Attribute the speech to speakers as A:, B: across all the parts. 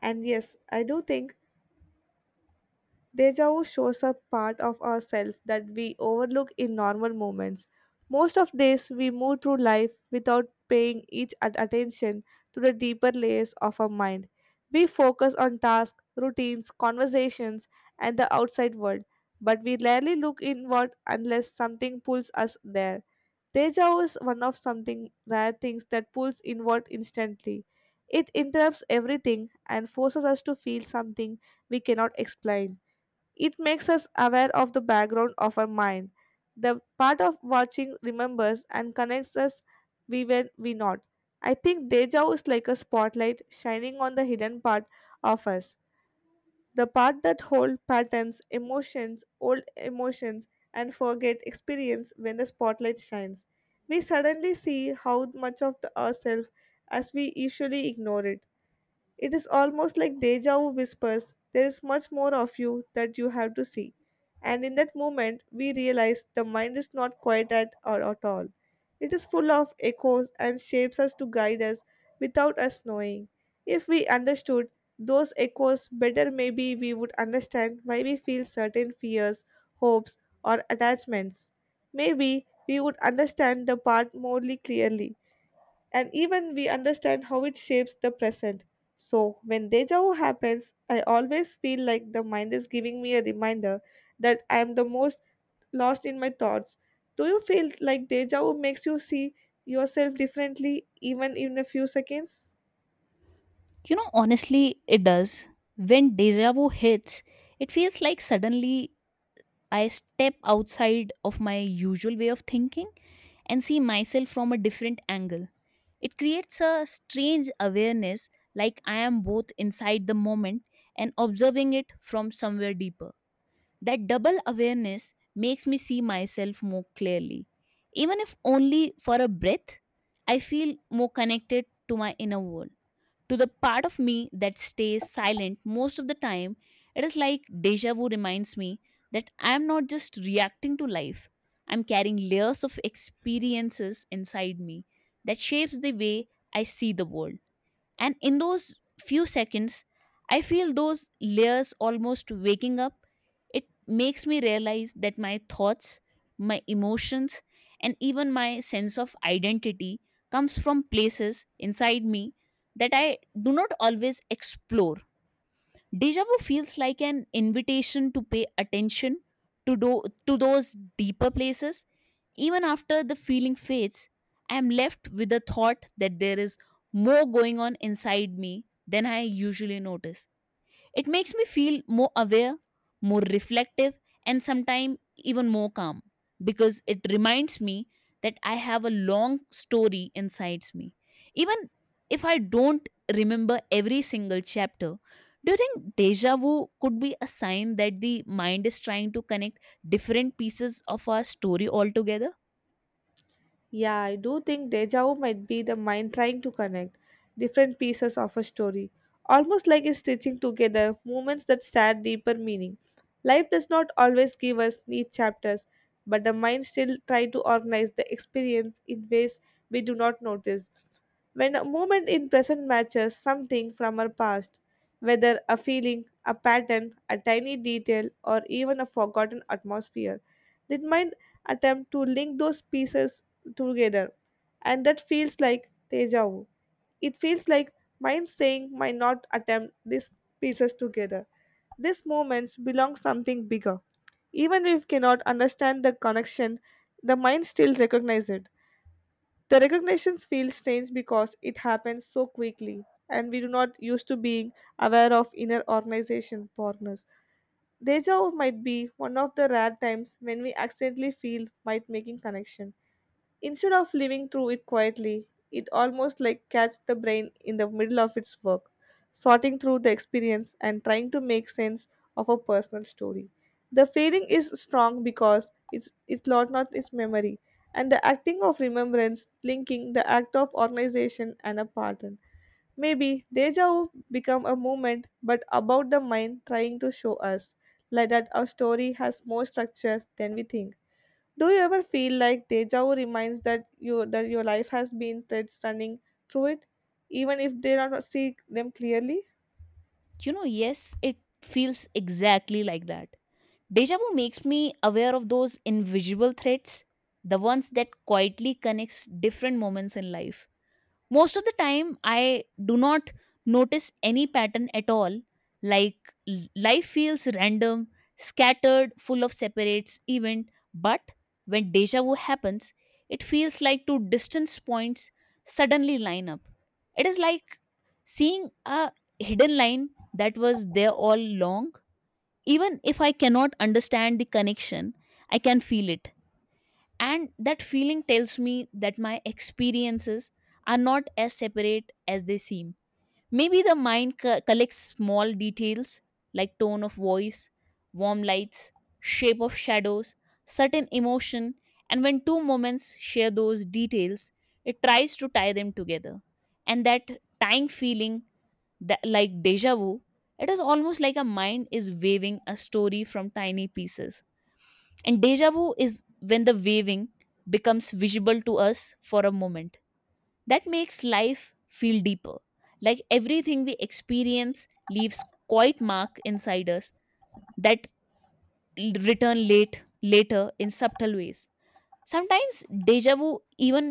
A: And yes, I do think Deja vu shows a part of ourselves that we overlook in normal moments. Most of days, we move through life without paying attention to the deeper layers of our mind. We focus on tasks, routines, conversations, and the outside world, but we rarely look inward unless something pulls us there. Deja vu is one of something rare things that pulls inward instantly. It interrupts everything and forces us to feel something we cannot explain. It makes us aware of the background of our mind, the part of watching remembers and connects us we when we not. I think deja is like a spotlight shining on the hidden part of us, the part that hold patterns, emotions, old emotions, and forget experience when the spotlight shines. We suddenly see how much of the ourselves as we usually ignore it. It is almost like deja vu whispers, there is much more of you that you have to see. And in that moment, we realize the mind is not quiet at all. It is full of echoes and shapes us to guide us without us knowing. If we understood those echoes better, maybe we would understand why we feel certain fears, hopes, or attachments. Maybe we would understand the part more clearly and even we understand how it shapes the present. So, when deja vu happens, I always feel like the mind is giving me a reminder that I am the most lost in my thoughts. Do you feel like deja vu makes you see yourself differently, even in a few seconds?
B: You know, honestly, it does. When deja vu hits, it feels like suddenly I step outside of my usual way of thinking and see myself from a different angle. It creates a strange awareness, like I am both inside the moment and observing it from somewhere deeper. That double awareness makes me see myself more clearly. Even if only for a breath, I feel more connected to my inner world to the part of me that stays silent most of the time, it is like deja vu reminds me that I am not just reacting to life. I'm carrying layers of experiences inside me that shapes the way I see the world. And in those few seconds, I feel those layers almost waking up. It makes me realize that my thoughts, my emotions, and even my sense of identity comes from places inside me that I do not always explore. Deja vu feels like an invitation to pay attention to those deeper places. Even after the feeling fades, I am left with the thought that there is more going on inside me than I usually notice. It makes me feel more aware, more reflective, and sometimes even more calm because it reminds me that I have a long story inside me. Even if I don't remember every single chapter, do you think deja vu could be a sign that the mind is trying to connect different pieces of our story all together?
A: Yeah, I do think deja vu might be the mind trying to connect different pieces of a story, almost like it's stitching together moments that share deeper meaning. Life does not always give us neat chapters, but the mind still tries to organize the experience in ways we do not notice. When a moment in present matches something from our past, whether a feeling, a pattern, a tiny detail, or even a forgotten atmosphere, the mind attempt to link those pieces together. And that feels like deja vu. It feels like mind saying, might not attempt these pieces together. These moments belong something bigger. Even if we cannot understand the connection, the mind still recognizes it. The recognitions feel strange because it happens so quickly and we do not used to being aware of inner organization partners. Deja vu might be one of the rare times when we accidentally feel might making connection. Instead of living through it quietly, it almost like catch the brain in the middle of its work, sorting through the experience and trying to make sense of a personal story. The feeling is strong because it's lot not its memory, and the acting of remembrance linking the act of organization and a pattern. Maybe deja vu become a movement, but about the mind trying to show us like that our story has more structure than we think. Do you ever feel like deja vu reminds that you that your life has been threads running through it, even if they are not see them clearly?
B: You know, yes, it feels exactly like that. Deja vu makes me aware of those invisible threads, the ones that quietly connects different moments in life. Most of the time, I do not notice any pattern at all. Like life feels random, scattered, full of separates event. But when deja vu happens, it feels like two distance points suddenly line up. It is like seeing a hidden line that was there all along. Even if I cannot understand the connection, I can feel it. And that feeling tells me that my experiences are not as separate as they seem. Maybe the mind collects small details like tone of voice, warm lights, shape of shadows, certain emotion, and when two moments share those details, it tries to tie them together. And that tying feeling that like deja vu it is almost like a mind is waving a story from tiny pieces and deja vu is when the waving becomes visible to us for a moment that makes life feel deeper like everything we experience leaves quite mark inside us that l- return late later in subtle ways. Sometimes deja vu even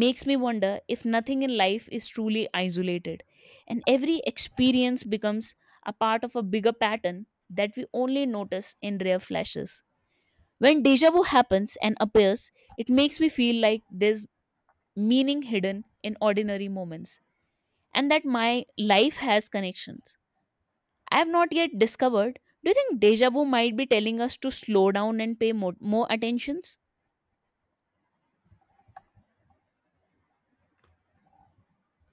B: makes me wonder if nothing in life is truly isolated and every experience becomes a part of a bigger pattern that we only notice in rare flashes. When deja vu happens and appears, it makes me feel like there's meaning hidden in ordinary moments and that my life has connections. I have not yet discovered. Do you think deja vu might be telling us to slow down and pay more attentions?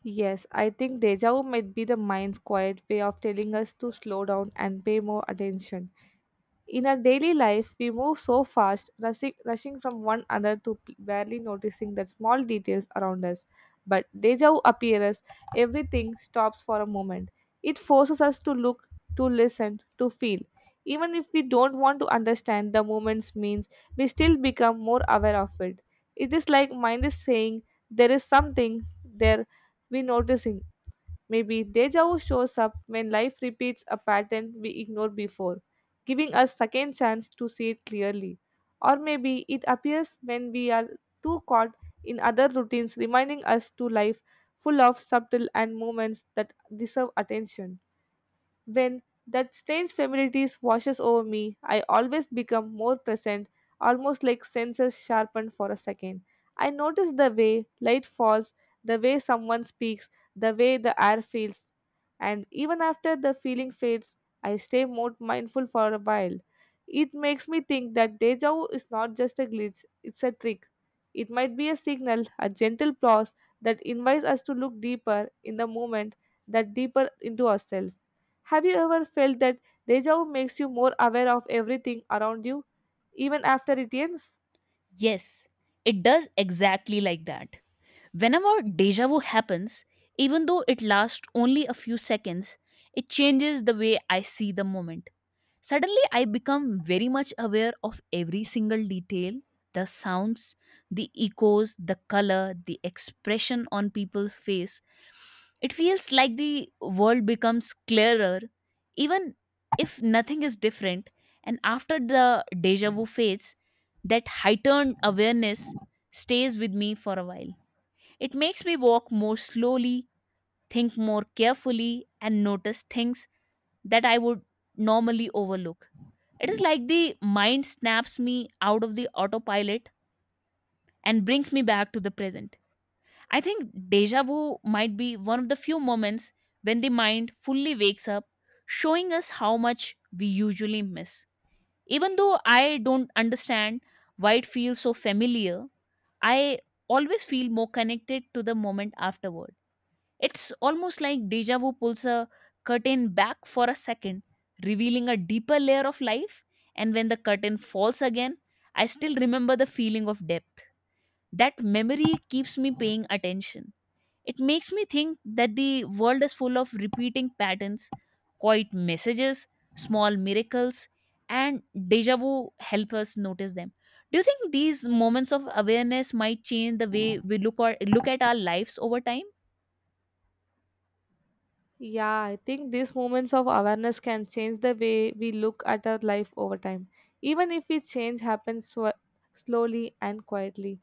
A: Yes, I think deja vu might be the mind's quiet way of telling us to slow down and pay more attention. In our daily life, we move so fast, rushing from one another to barely noticing the small details around us. But deja vu appears, everything stops for a moment. It forces us to look, to listen, to feel. Even if we don't want to understand the moment's means, we still become more aware of it. It is like mind is saying, there is something there, we noticing. Maybe deja vu shows up when life repeats a pattern we ignored before, giving us second chance to see it clearly. Or maybe it appears when we are too caught in other routines reminding us to life full of subtle and moments that deserve attention. When that strange familiarity washes over me, I always become more present, almost like senses sharpened for a second. I notice the way light falls, the way someone speaks, the way the air feels. And even after the feeling fades, I stay more mindful for a while. It makes me think that deja vu is not just a glitch, it's a trick. It might be a signal, a gentle pause that invites us to look deeper in the moment, that deeper into ourselves. Have you ever felt that deja vu makes you more aware of everything around you, even after it ends?
B: Yes, it does exactly like that. Whenever deja vu happens, even though it lasts only a few seconds, it changes the way I see the moment. Suddenly, I become very much aware of every single detail the sounds, the echoes, the color, the expression on people's face, it feels like the world becomes clearer, even if nothing is different. And after the deja vu fades, that heightened awareness stays with me for a while. It makes me walk more slowly, think more carefully, and notice things that I would normally overlook. It is like the mind snaps me out of the autopilot and brings me back to the present. I think deja vu might be one of the few moments when the mind fully wakes up, showing us how much we usually miss. Even though I don't understand why it feels so familiar, I always feel more connected to the moment afterward. It's almost like deja vu pulls a curtain back for a second, revealing a deeper layer of life, and when the curtain falls again, I still remember the feeling of depth. That memory keeps me paying attention. It makes me think that the world is full of repeating patterns, quiet messages, small miracles, and deja vu help us notice them. Do you think these moments of awareness might change the way we look at our lives over time?
A: Yeah, I think these moments of awareness can change the way we look at our life over time, even if we change happens slowly and quietly.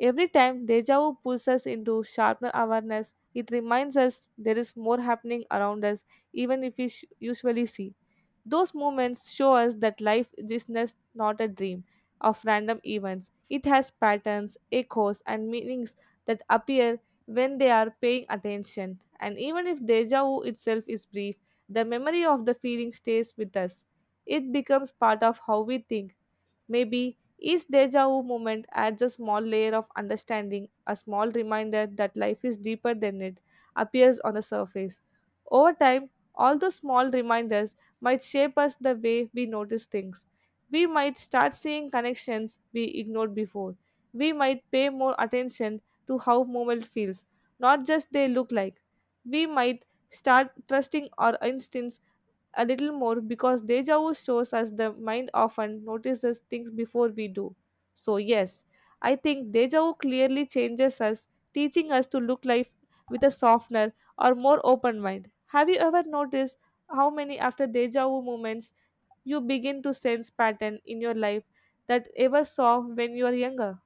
A: Every time deja vu pulls us into sharper awareness, it reminds us there is more happening around us, even if we usually see. Those moments show us that life is not a dream of random events. It has patterns, echoes, and meanings that appear when they are paying attention. And even if deja vu itself is brief, the memory of the feeling stays with us. It becomes part of how we think. Maybe each deja vu moment adds a small layer of understanding, a small reminder that life is deeper than it appears on the surface. Over time, all those small reminders might shape us the way we notice things. We might start seeing connections we ignored before. We might pay more attention to how movement feels, not just they look like. We might start trusting our instincts a little more because deja vu shows us the mind often notices things before we do. So, yes, I think deja vu clearly changes us, teaching us to look life with a softener or more open mind. Have you ever noticed how many after deja vu moments you begin to sense pattern in your life that ever saw when you were younger?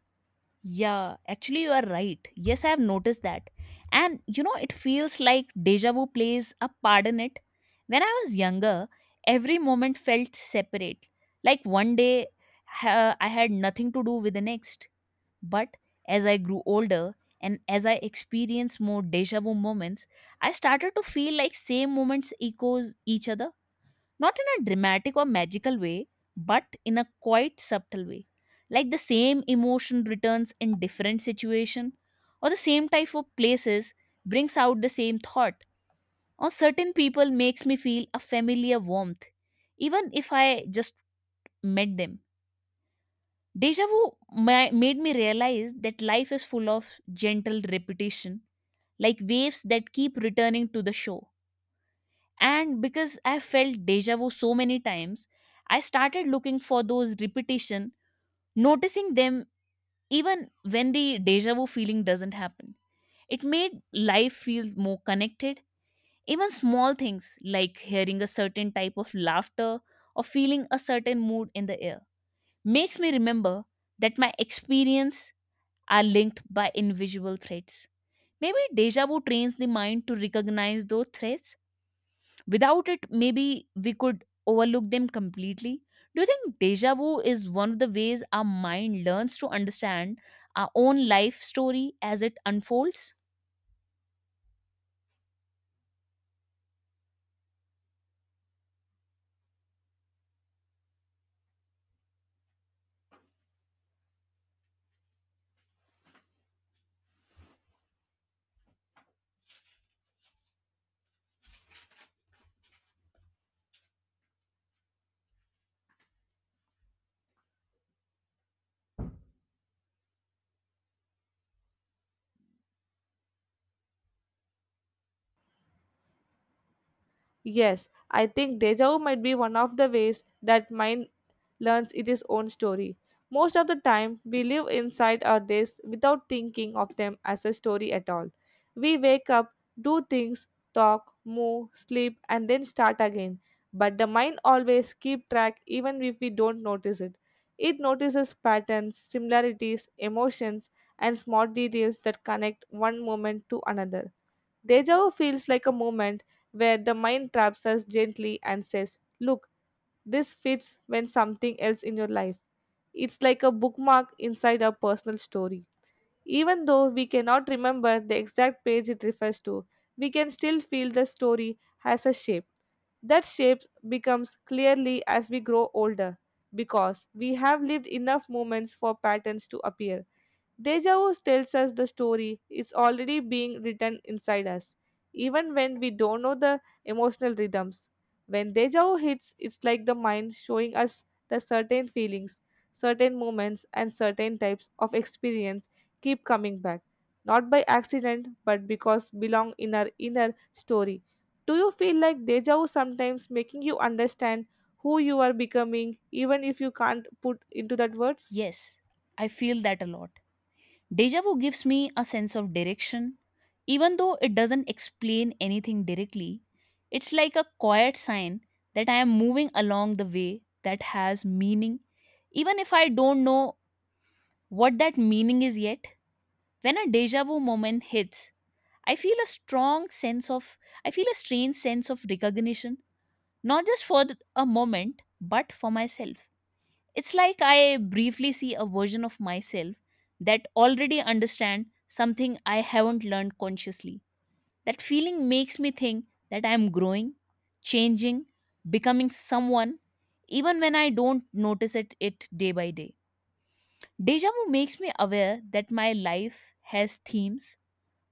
B: Yeah, actually, you are right. Yes, I have noticed that. And you know, it feels like deja vu plays a part in it. When I was younger, every moment felt separate. Like one day, I had nothing to do with the next. But as I grew older and as I experienced more deja vu moments, I started to feel like same moments echoes each other, not in a dramatic or magical way, but in a quite subtle way. Like the same emotion returns in different situation or the same type of places brings out the same thought, or certain people makes me feel a familiar warmth even if I just met them. Deja vu made me realize that life is full of gentle repetition, like waves that keep returning to the shore. And because I felt deja vu so many times, I started looking for those repetition, noticing them even when the deja vu feeling doesn't happen. It made life feel more connected. Even small things like hearing a certain type of laughter or feeling a certain mood in the air makes me remember that my experience are linked by invisible threats. Maybe deja vu trains the mind to recognize those threats. Without it, maybe we could overlook them completely. Do you think deja vu is one of the ways our mind learns to understand our own life story as it unfolds?
A: Yes, I think deja vu might be one of the ways that mind learns its own story. Most of the time, we live inside our days without thinking of them as a story at all. We wake up, do things, talk, move, sleep, and then start again. But the mind always keeps track even if we don't notice it. It notices patterns, similarities, emotions, and small details that connect one moment to another. Deja vu feels like a moment where the mind traps us gently and says, look, this fits when something else in your life. It's like a bookmark inside our personal story. Even though we cannot remember the exact page it refers to, we can still feel the story has a shape. That shape becomes clearly as we grow older because we have lived enough moments for patterns to appear. Deja vu tells us the story is already being written inside us, even when we don't know the emotional rhythms. When deja vu hits, it's like the mind showing us the certain feelings, certain moments, and certain types of experience keep coming back, not by accident, but because belong in our inner story. Do you feel like deja vu sometimes making you understand who you are becoming, even if you can't put into that words?
B: Yes, I feel that a lot. Deja vu gives me a sense of direction. Even though it doesn't explain anything directly, it's like a quiet sign that I am moving along the way that has meaning, even if I don't know what that meaning is yet. When a deja vu moment hits, I feel a strong sense of, I feel a strange sense of recognition, not just for a moment, but for myself. It's like I briefly see a version of myself that already understand something I haven't learned consciously. That feeling makes me think that I am growing, changing, becoming someone even when I don't notice it day by day. Deja vu makes me aware that my life has themes,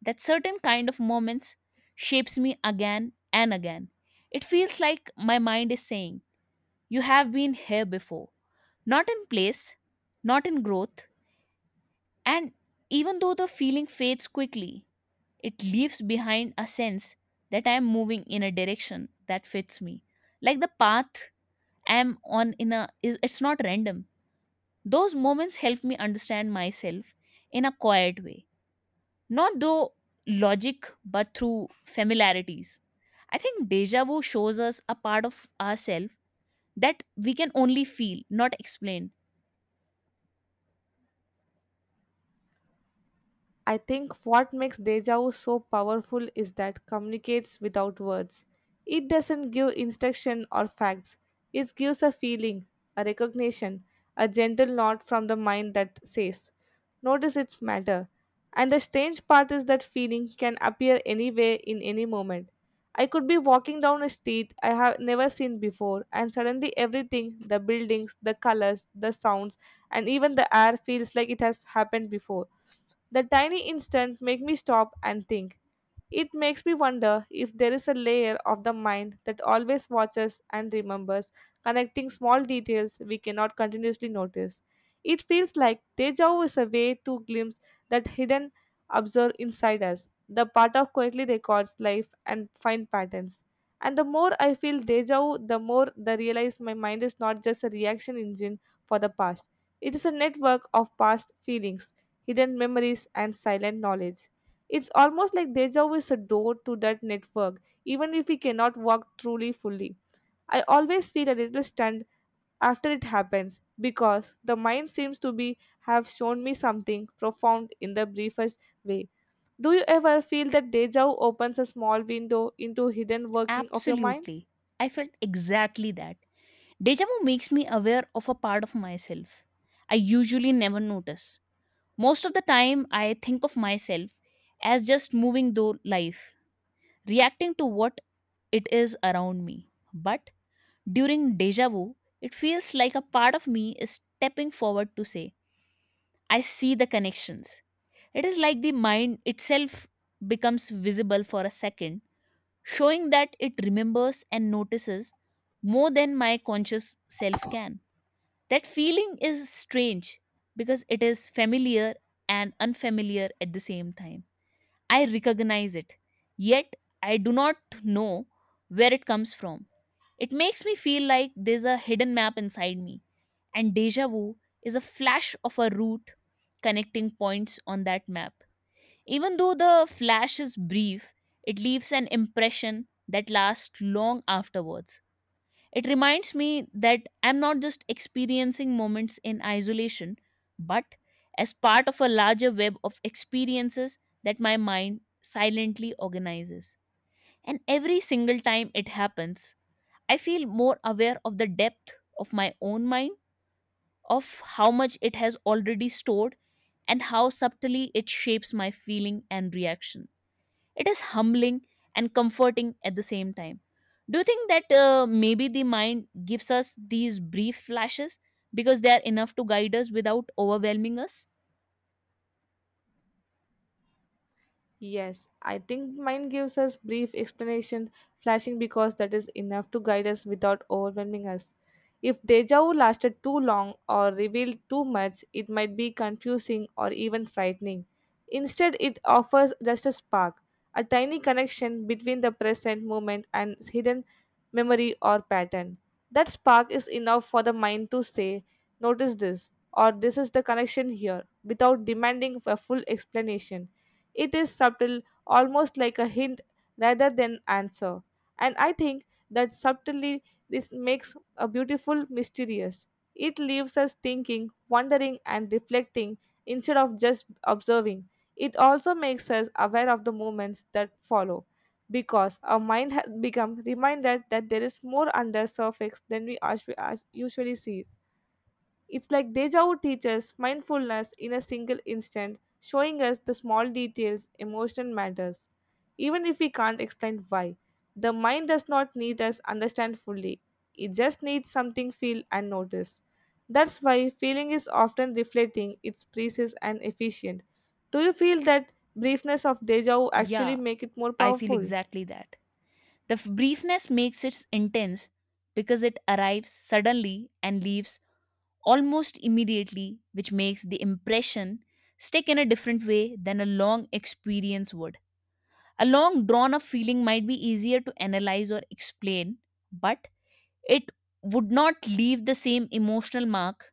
B: that certain kind of moments shapes me again and again. It feels like my mind is saying you have been here before, not in place, not in growth, and even though the feeling fades quickly, it leaves behind a sense that I am moving in a direction that fits me. Like the path I am on in a is it's not random. Those moments help me understand myself in a quiet way. Not through logic but through familiarities. I think deja vu shows us a part of ourselves that we can only feel, not explain.
A: I think what makes deja vu so powerful is that communicates without words. It doesn't give instruction or facts. It gives a feeling, a recognition, a gentle nod from the mind that says, "Notice its matter." And the strange part is that feeling can appear anywhere in any moment. I could be walking down a street I have never seen before, and suddenly everything the buildings, the colors, the sounds, and even the air feels like it has happened before that tiny instant make me stop and think. It makes me wonder if there is a layer of the mind that always watches and remembers, connecting small details we cannot continuously notice. It feels like deja vu is a way to glimpse that hidden observer inside us, the part of quietly records life and find patterns. And the more I feel deja vu, the more I realize my mind is not just a reaction engine for the past. It is a network of past feelings, hidden memories, and silent knowledge. It's almost like deja vu is a door to that network, even if we cannot walk truly fully. I always feel a little stunned after it happens because the mind seems to be have shown me something profound in the briefest way. Do you ever feel that deja vu opens a small window into hidden working of your mind?
B: Absolutely. I felt exactly that. Deja vu makes me aware of a part of myself I usually never notice. Most of the time, I think of myself as just moving through life, reacting to what it is around me. But during deja vu, it feels like a part of me is stepping forward to say, I see the connections. It is like the mind itself becomes visible for a second showing that it remembers and notices more than my conscious self can. That feeling is strange because it is familiar and unfamiliar at the same time. I recognize it, yet I do not know where it comes from. It makes me feel like there's a hidden map inside me, and deja vu is a flash of a route connecting points on that map. Even though the flash is brief, it leaves an impression that lasts long afterwards. It reminds me that I'm not just experiencing moments in isolation, but as part of a larger web of experiences that my mind silently organizes. And every single time it happens, I feel more aware of the depth of my own mind, of how much it has already stored, and how subtly it shapes my feeling and reaction. It is humbling and comforting at the same time. Do you think that maybe the mind gives us these brief flashes because they are enough to guide us without overwhelming us?
A: Yes, I think mine gives us brief explanation, flashing because that is enough to guide us without overwhelming us. If deja vu lasted too long or revealed too much, it might be confusing or even frightening. Instead, it offers just a spark, a tiny connection between the present moment and hidden memory or pattern. That spark is enough for the mind to say, notice this, or this is the connection here, without demanding a full explanation. It is subtle, almost like a hint rather than answer. And I think that subtly this makes a beautiful mysterious. It leaves us thinking, wondering and reflecting instead of just observing. It also makes us aware of the moments that follow because our mind has become reminded that there is more under surface than we us- us usually see. It's like deja vu teaches mindfulness in a single instant, showing us the small details, emotion matters. Even if we can't explain why, the mind does not need us understand fully. It just needs something feel and notice. That's why feeling is often reflecting its precise and efficient. Do you feel that briefness of deja vu actually
B: Yeah,
A: make it more
B: I feel
A: powerful?
B: exactly that. The briefness makes it intense because it arrives suddenly and leaves almost immediately, which makes the impression stick in a different way than a long experience would. A long drawn up feeling might be easier to analyze or explain, but it would not leave the same emotional mark.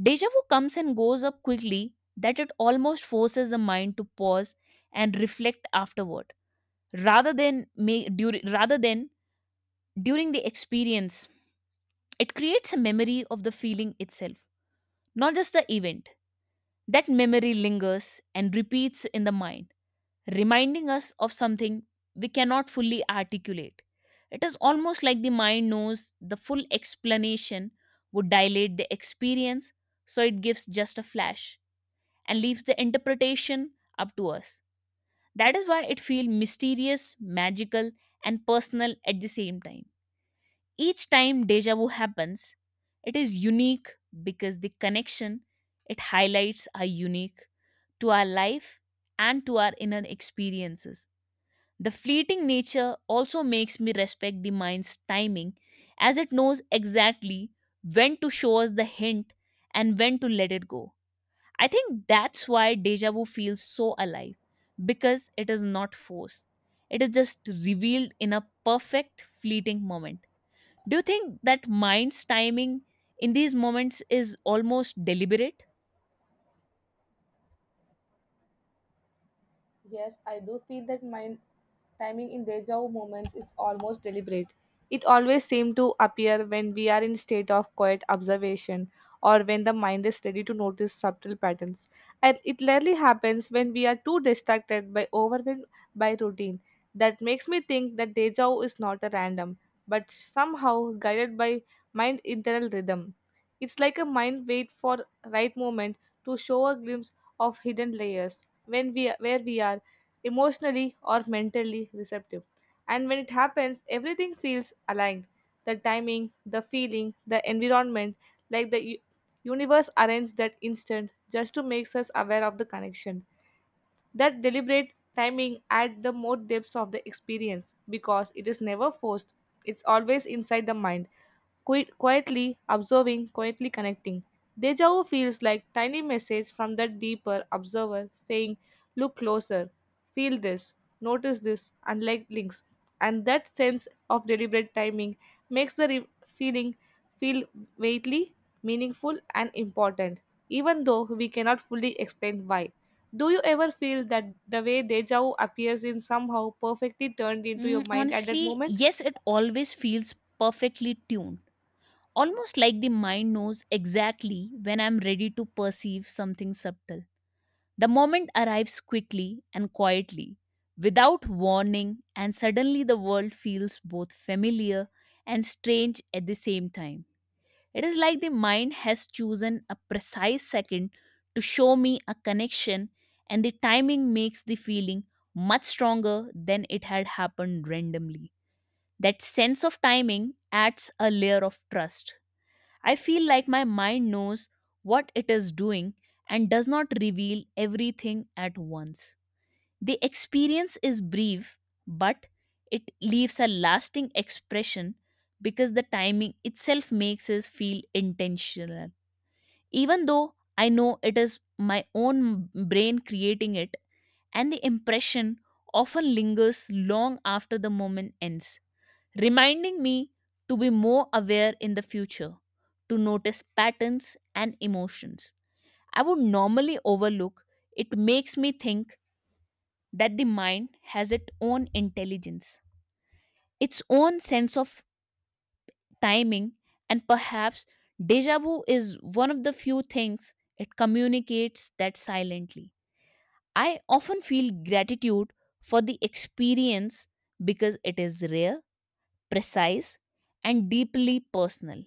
B: Deja vu comes and goes up quickly that it almost forces the mind to pause and reflect afterward rather than during the experience. It creates a memory of the feeling itself, not just the event. That memory lingers and repeats in the mind, reminding us of something we cannot fully articulate. It is almost like the mind knows the full explanation would dilate the experience, so it gives just a flash and leaves the interpretation up to us. That is why it feels mysterious, magical, and personal at the same time. Each time deja vu happens, it is unique because the connection it highlights are unique to our life, and to our inner experiences. The fleeting nature also makes me respect the mind's timing as it knows exactly when to show us the hint and when to let it go. I think that's why deja vu feels so alive because it is not forced. It is just revealed in a perfect fleeting moment. Do you think that mind's timing in these moments is almost deliberate?
A: Yes, I do feel that my timing in deja vu moments is almost deliberate. It always seems to appear when we are in state of quiet observation or when the mind is ready to notice subtle patterns. And it rarely happens when we are too distracted by overwhelmed by routine. That makes me think that deja vu is not a random, but somehow guided by mind internal rhythm. It's like a mind wait for right moment to show a glimpse of hidden layers when we where we are emotionally or mentally receptive and when it happens everything feels aligned the timing the feeling the environment like the universe arranged that instant just to make us aware of the connection that deliberate timing adds the more depths of the experience because it is never forced it's always inside the mind quietly observing, quietly connecting. Deja vu feels like tiny message from that deeper observer saying, look closer, feel this, notice this, and like links. And that sense of deliberate timing makes the feeling feel weighty, meaningful, and important, even though we cannot fully explain why. Do you ever feel that the way deja vu appears in somehow perfectly turned into your mind at that
B: Honestly,
A: moment?
B: yes, it always feels perfectly tuned. Almost like the mind knows exactly when I'm ready to perceive something subtle. The moment arrives quickly and quietly, without warning, and suddenly the world feels both familiar and strange at the same time. It is like the mind has chosen a precise second to show me a connection, and the timing makes the feeling much stronger than it had happened randomly. That sense of timing adds a layer of trust. I feel like my mind knows what it is doing and does not reveal everything at once. The experience is brief, but it leaves a lasting expression because the timing itself makes us feel intentional. Even though I know it is my own brain creating it, and the impression often lingers long after the moment ends reminding me to be more aware in the future, to notice patterns and emotions. I would normally overlook. It makes me think that the mind has its own intelligence, its own sense of timing, and perhaps deja vu is one of the few things it communicates that silently. I often feel gratitude for the experience because it is rare precise, and deeply personal.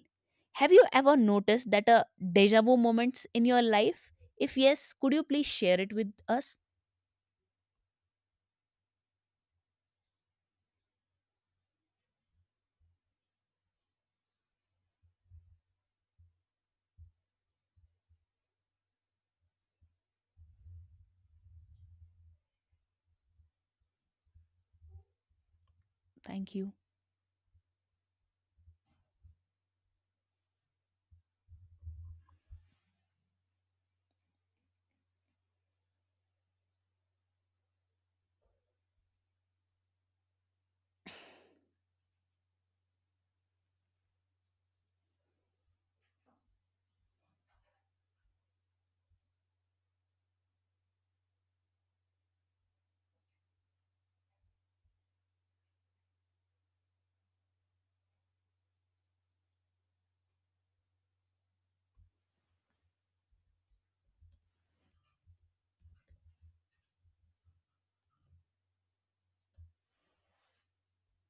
B: Have you ever noticed that a deja vu moments in your life? If yes, could you please share it with us? Thank you.